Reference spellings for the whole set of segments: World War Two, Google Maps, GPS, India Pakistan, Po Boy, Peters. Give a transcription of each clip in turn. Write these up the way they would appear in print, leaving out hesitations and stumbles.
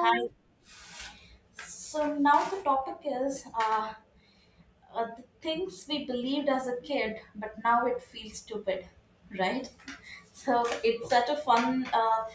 Hi. So now the topic is the things we believed as a kid, but now it feels stupid, right? So it's such a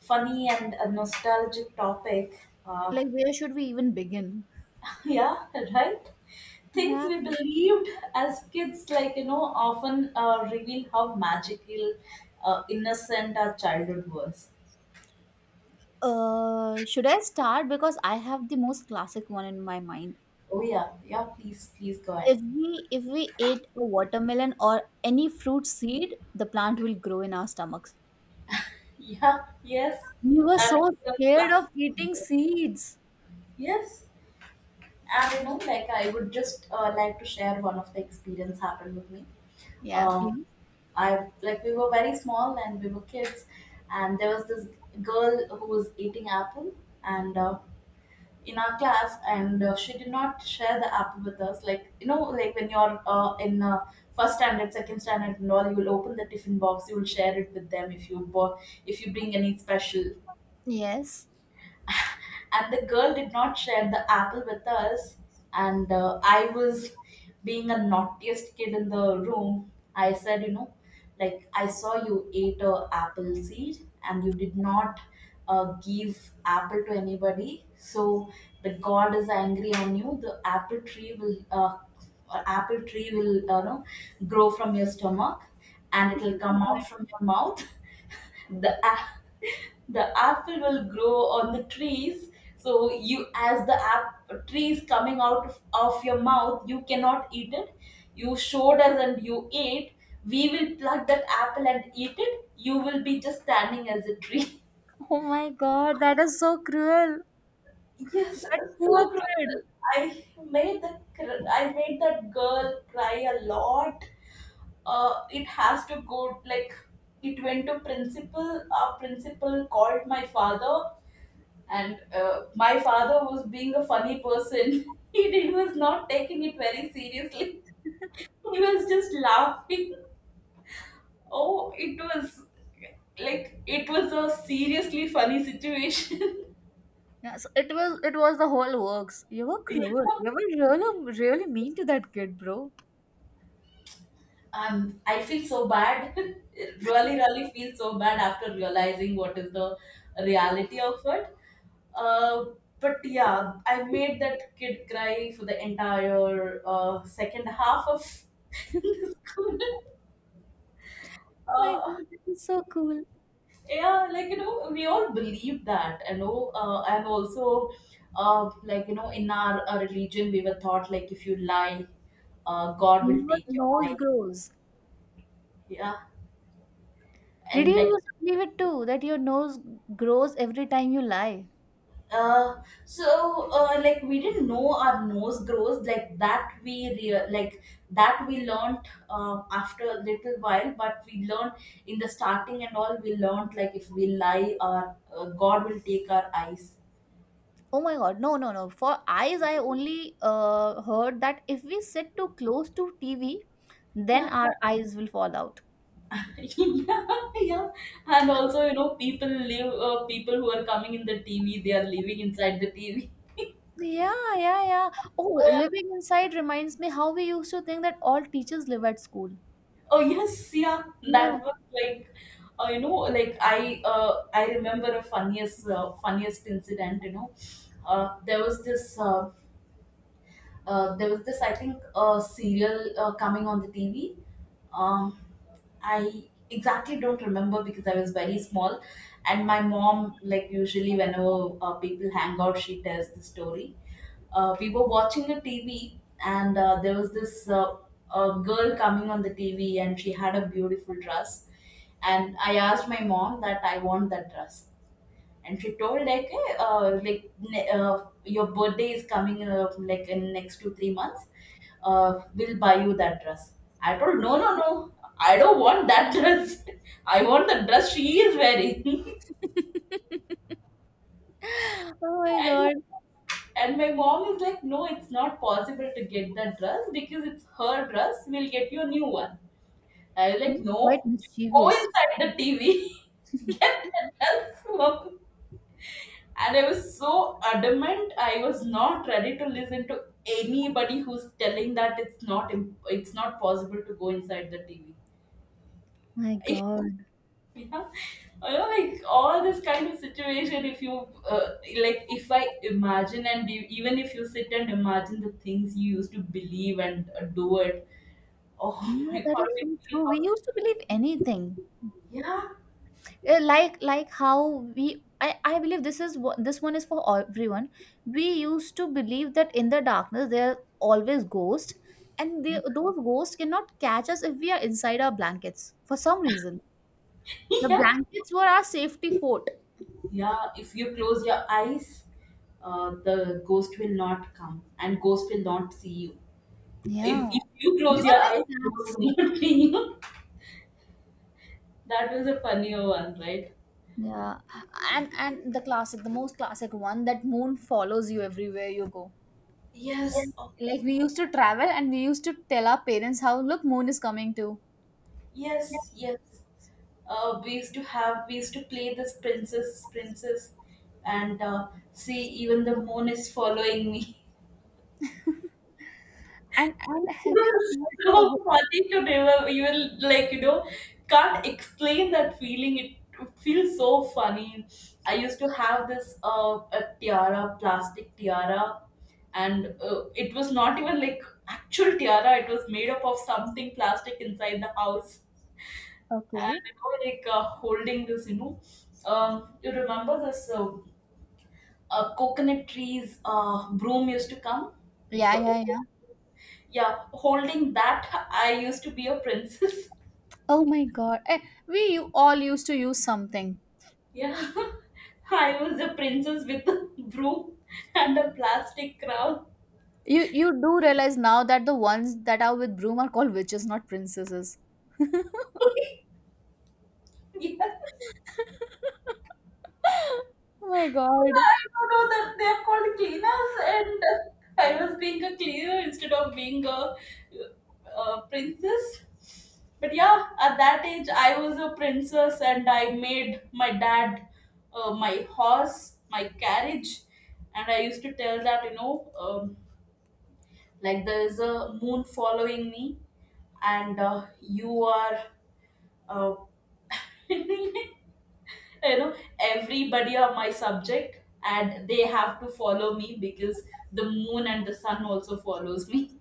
funny and a nostalgic topic. Uh, Like, where should we even begin? yeah, right. Things Yeah. we believed as kids, like you know, often reveal how innocent our childhood was. Should I start because I have the most classic one in my mind. Oh yeah, yeah. Please, please go ahead. If we ate a watermelon or any fruit seed, the plant will grow in our stomachs. Yeah, yes. We were That so is was a scared classic of eating concept. seeds. Yes, and you know, like I would just like to share one of the experience happened with me. Yeah, Um, please. I like we were very small and we were kids, and there was this girl who was eating apple and in our class, and she did not share the apple with us. Like you know, like when you're in first standard, second standard, and all, you will open the tiffin box. You will share it with them if you bought, if you bring any special. Yes. And the girl did not share the apple with us, and I was being a naughtiest kid in the room. I said, you know, like I saw you ate a apple seed and you did not give apple to anybody. So the god is angry on you. The apple tree will know grow from your stomach, and it Oh will my come god, out from your mouth. the a- the apple will grow on the trees. So you as the app trees coming out of your mouth, you cannot eat it. You showed us and you ate. We will pluck that apple and eat it. You will be just standing as a tree. oh my god, that is so cruel. Yes, That it's so poor brutal. kid. i I made that girl cry a lot. It has to go like it went to principal. Our principal called my father. And my father was being a funny person. He did, was not taking it very seriously. He was just laughing. Oh, it was like it was a seriously funny situation. Yeah, so it was the whole works. You were You cruel. You were really really mean to that kid, bro. I feel so bad. Really, really feel so bad after realizing what is the reality of it. Uh, but yeah, I made that kid cry for the entire second half of the school. My Uh, God, that is so cool. yeah, like you know we all believe that, you know, and also like you know in our religion we were taught like if you lie, god Yeah. will Your take your nose eye. grows. Yeah. Did you And like used to believe it too that your nose grows every time you lie? uh like we didn't know our nose grows like that. Like that we learned after a little while, but we learned in the starting and all. We learned like if we lie, our god will take our eyes. Oh my God, no, no, no. For eyes, I only heard that if we sit too close to TV, then Yeah. our eyes will fall out. Yeah, yeah. And also, you know, people who are coming in the TV, they are living inside the TV. Yeah, yeah, yeah. Oh, Oh, yeah. living inside reminds me how we used to think that all teachers live at school. Oh, yes, yeah. Yeah. That was like, you know, like I remember a funniest incident, you know. Uh, there was this, uh, there was this, I think, serial coming on the TV. Um, I exactly don't remember because I was very small, and my mom, like usually whenever people hang out, she tells the story. We were watching a TV, and there was this girl coming on the TV, and she had a beautiful dress. And I asked my mom that I want that dress, and she told like your birthday is coming like in next 2 3 months. We'll buy you that dress. I told, no, no, no. I don't want that dress. I want the dress she is wearing. Oh my and God. and my mom is like, no, it's not possible to get that dress because it's her dress. We'll get you a new one. I was like, You're no, quite you go mischievous. inside the TV. Get the dress. And I was so adamant. I was not ready to listen to anybody who's telling that it's not possible to go inside the TV. My God. Yeah, I know, like all this kind of situation. If you uh, if I imagine and you, even if you sit and imagine the things you used to believe and do it, oh Yeah, my that god, is so I feel true. We used to believe how. anything. Yeah, Like how we. I believe this is what this one is for all- everyone. We used to believe that in the darkness there are always ghosts, and they, yeah, those ghosts cannot catch us if we are inside our blankets for some reason. The yeah. blankets were our safety fort. Yeah, if you close your eyes, the ghost will not come and ghost will not see you. If, Yeah, if you we close were your like eyes, cats. ghost will not see you. That was a funnier one, right? Yeah, and the classic, the most classic one that moon follows you everywhere you go. Yes. Yes. Oh, Like we used to travel and we used to tell our parents how look moon is coming too. yes, yes. We used to play this princess, and see, even the moon is following me. and and have you heard a So whole- funny to remember. You will like, you know, can't explain that feeling. It feels so funny. I used to have this plastic tiara, and it was not even like actual tiara. It was made up of something plastic inside the house, okay, and you know like holding this. You know, you remember this coconut trees broom used to come, yeah, the old. yeah, yeah. Yeah, holding that, I used to be a princess. Oh my god. Eh, we you all used to use something. Yeah. I was a princess with a broom and a plastic crown. You do realize now that the ones that are with broom are called witches, not princesses. Yes, Oh my god. I don't know that they're called cleaners, and I was being a cleaner instead of a princess. But yeah, at that age, I was a princess, and I made my dad my horse, my carriage, and I used to tell that, you know, like there is a moon following me and you are uh, you know everybody are my subject, and they have to follow me because the moon and the sun also follows me.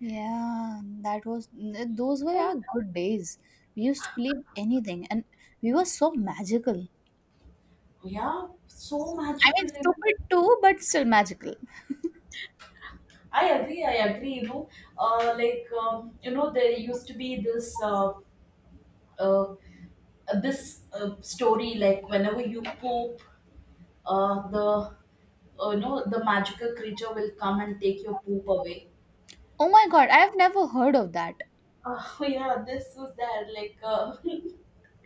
Yeah, that was n- those were our good days. We used to believe anything and we were so magical. Yeah, so I magical, mean, you know. stupid too, but still magical. I agree. You know, you know there used to be this uh, story like whenever you poop, the no, the magical creature will come and take your poop away. Oh my god, I have never heard of that. Oh yeah, this was there like,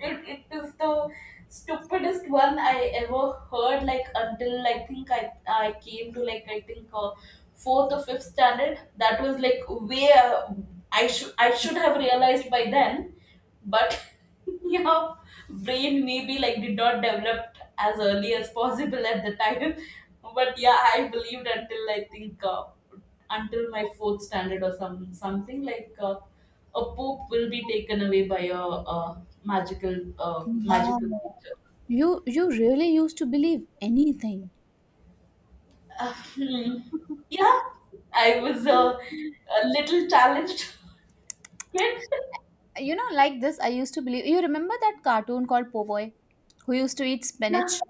it is the stupidest one I ever heard. Until I came to, like, I think fourth or fifth standard. That was like way, I should have realized by then, but yeah, brain maybe like did not develop as early as possible at the time. But yeah, I believed until I think until my fourth standard or something like. A pope will be taken away by a, uh Wow. magical creature. You really used to believe anything. Uh, hmm. Yeah, I was a little challenged kid. You know, like this, I used to believe. You remember that cartoon called Po Boy, who used to eat spinach? Yeah.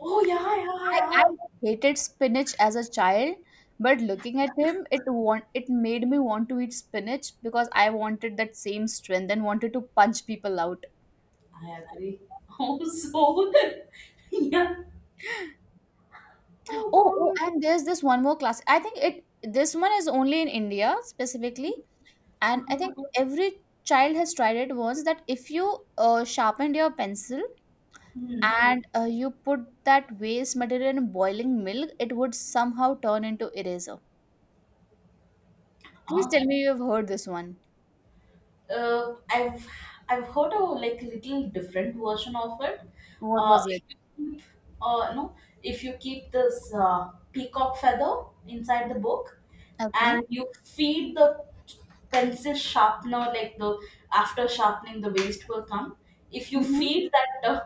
Oh yeah, yeah, I yeah. hated spinach as a child, but looking at him, it want it made me want to eat spinach because I wanted that same strength and wanted to punch people out. I agree. Oh so yeah. Oh Oh, oh, god. and there's this one more class. I think it this one is only in India specifically, and I Uh-huh. think every child has tried it once that if you sharpened your pencil Hmm. and you put that waste material in boiling milk, it would somehow turn into eraser. Please Ah, tell me you've heard this one. I've I've heard a like little different version of it. What Uh, was if it? you keep, uh, no, if you keep this peacock feather inside the book, Okay. and you feed the pencil sharpener, like the after sharpening the waste will come. If you Hmm. feed that,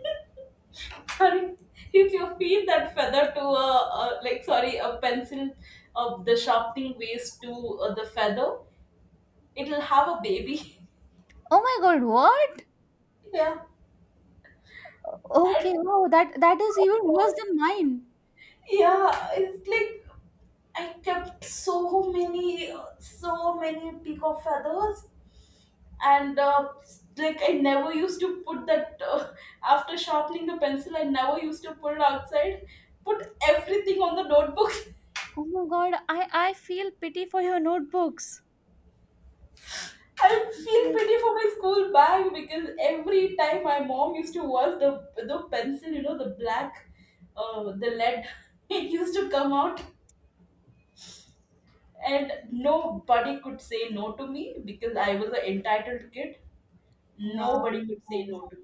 sorry, if you feed that feather to a sorry a pencil of the sharpening waste to the feather, it'll have a baby. Oh my God, what? Yeah. Okay, And oh that that is even worse than mine. yeah, it's like I kept so many, so many peacock feathers, and like I never used to put that. After sharpening the pencil, I never used to put it outside. Put everything on the notebook. Oh my God, I feel pity for your notebooks. I feel pity for my school bag because every time my mom used to wash the pencil, you know, the lead, it used to come out. And nobody could say no to me because I was an entitled kid. Wow. Nobody could say no to me.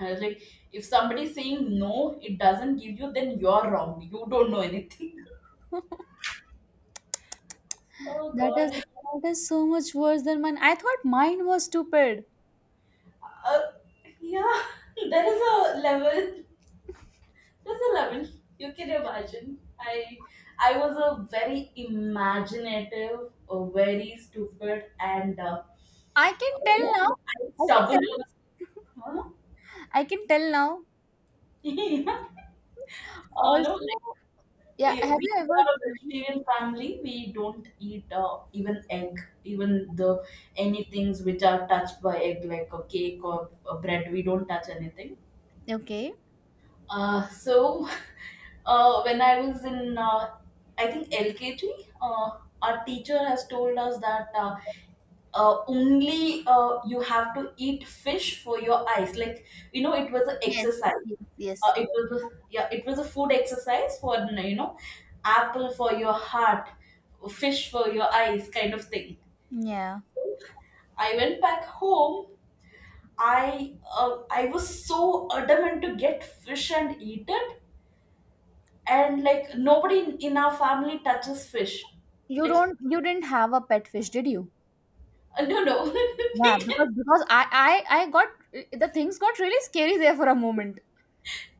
I was like, if somebody's saying no, it doesn't give you, then you're wrong. You don't know anything. Oh god. That is so much worse than mine. I thought mine was stupid. Uh, yeah, there is a level. There's a level you can imagine. I was a very imaginative, very stupid, and I can tell now. I can tell. stubborn. Huh? I can tell now. No, Also, yeah. Yeah, Have we you ever are a tried? vegetarian family. We don't eat even egg, even the any things which are touched by egg, like a cake or a bread. We don't touch anything. Okay. So when I was in I think LKG, our teacher has told us that only you have to eat fish for your eyes. Like you know, it was an Yes. exercise. Yes. Yes. It was Yeah, it was a food exercise for, you know, apple for your heart, fish for your eyes, kind of thing. Yeah. I went back home. I was so adamant to get fish and eat it, and like nobody in our family touches fish, You like. don't. You didn't have a pet fish, did you? No, no, we Yeah. Didn't. Because I I got the things got really scary there for a moment.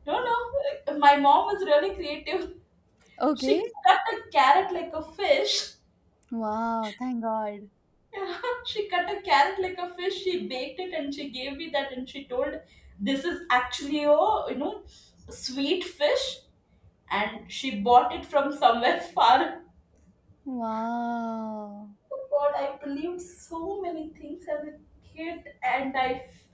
No, no, my mom was really creative. She Okay. cut a carrot like a fish. Wow. Thank God. Yeah, she cut a carrot like a fish. She baked it and she gave me that, and she told, "This is actually a you know sweet fish," and she bought it from somewhere far. Wow. Oh god, I believed so many things as a kid, and I, f-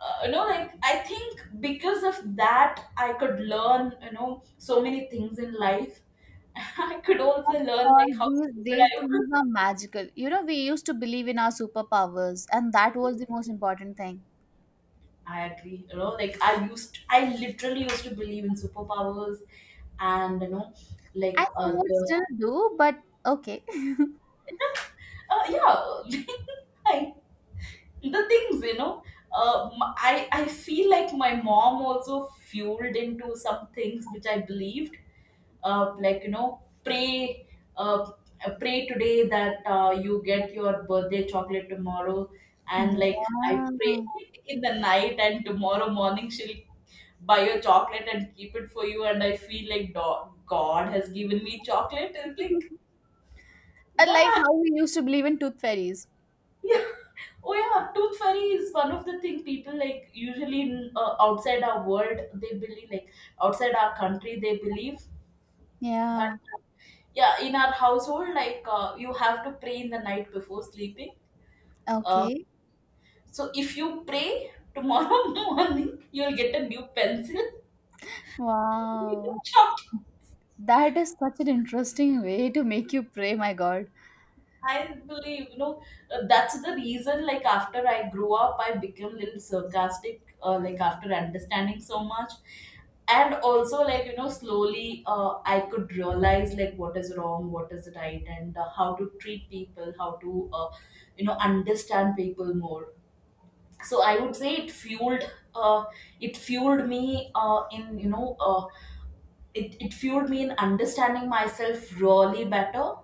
uh, you know, like I think because of that, I could learn, you know, so many things in life. I could also Of learn course, like how stupid these I was. things are magical. You know, we used to believe in our superpowers, and that was the most important thing. I agree. You know, I literally used to believe in superpowers, and you know, like I uh, somewhat the, still do, but okay. uh, yeah, I the things you know, I feel like my mom also fueled into some things which I believed, like you know, pray, uh, pray today that you get your birthday chocolate tomorrow, and like I Yeah. pray in the night, and tomorrow morning she'll buy your chocolate and keep it for you, and I feel like god has given me chocolate, and like, And like yeah. how we used to believe in tooth fairies. Yeah. Oh yeah, tooth fairy is one of the thing people like usually in, outside our world they believe, like outside our country they believe that, Yeah. uh, yeah, in our household like, you have to pray in the night before sleeping. Uh, Okay. so if you pray, tomorrow morning you'll get a new pencil, Wow. chalk. That is such an interesting way to make you pray, my God. I believe, you know, that's the reason, like, after I grew up, I became a little sarcastic, like, after understanding so much. And also, like, you know, slowly I could realize, like, what is wrong, what is right, and how to treat people, how to, you know, understand people more. So I would say uh, it fueled me in, you know, it fueled me in understanding myself really better.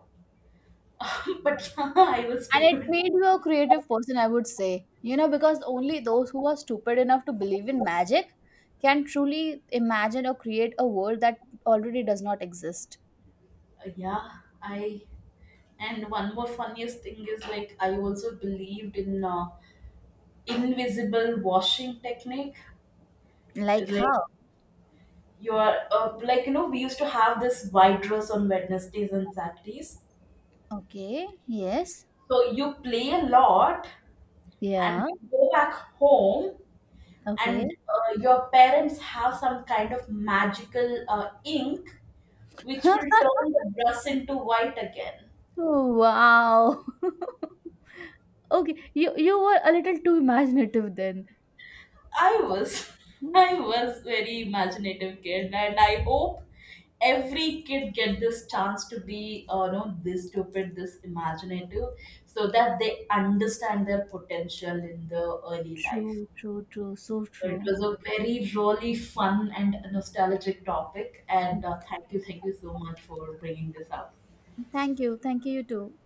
But yeah, I was And it stupid. made you a creative person, I would say. You know, because only those who are stupid enough to believe in magic can truly imagine or create a world that already does not exist. Yeah, I and one more funniest thing is like I also believed in invisible washing technique. It's Like like how? you're like you know we used to have this white dress on Wednesdays and Saturdays. Okay, yes. So you play a lot and Yeah, you go back home, okay. and your parents have some kind of magical ink which will turn the dress into white again. Wow. Okay, you were a little too imaginative then. I was Hmm. I was very imaginative kid, and I hope every kid get this chance to be you know, this stupid, this imaginative, so that they understand their potential in the early life. True, true, true, so So it true. was a very really fun and nostalgic topic, Mm. and thank you, thank you so much for bringing this up. Thank you, you too.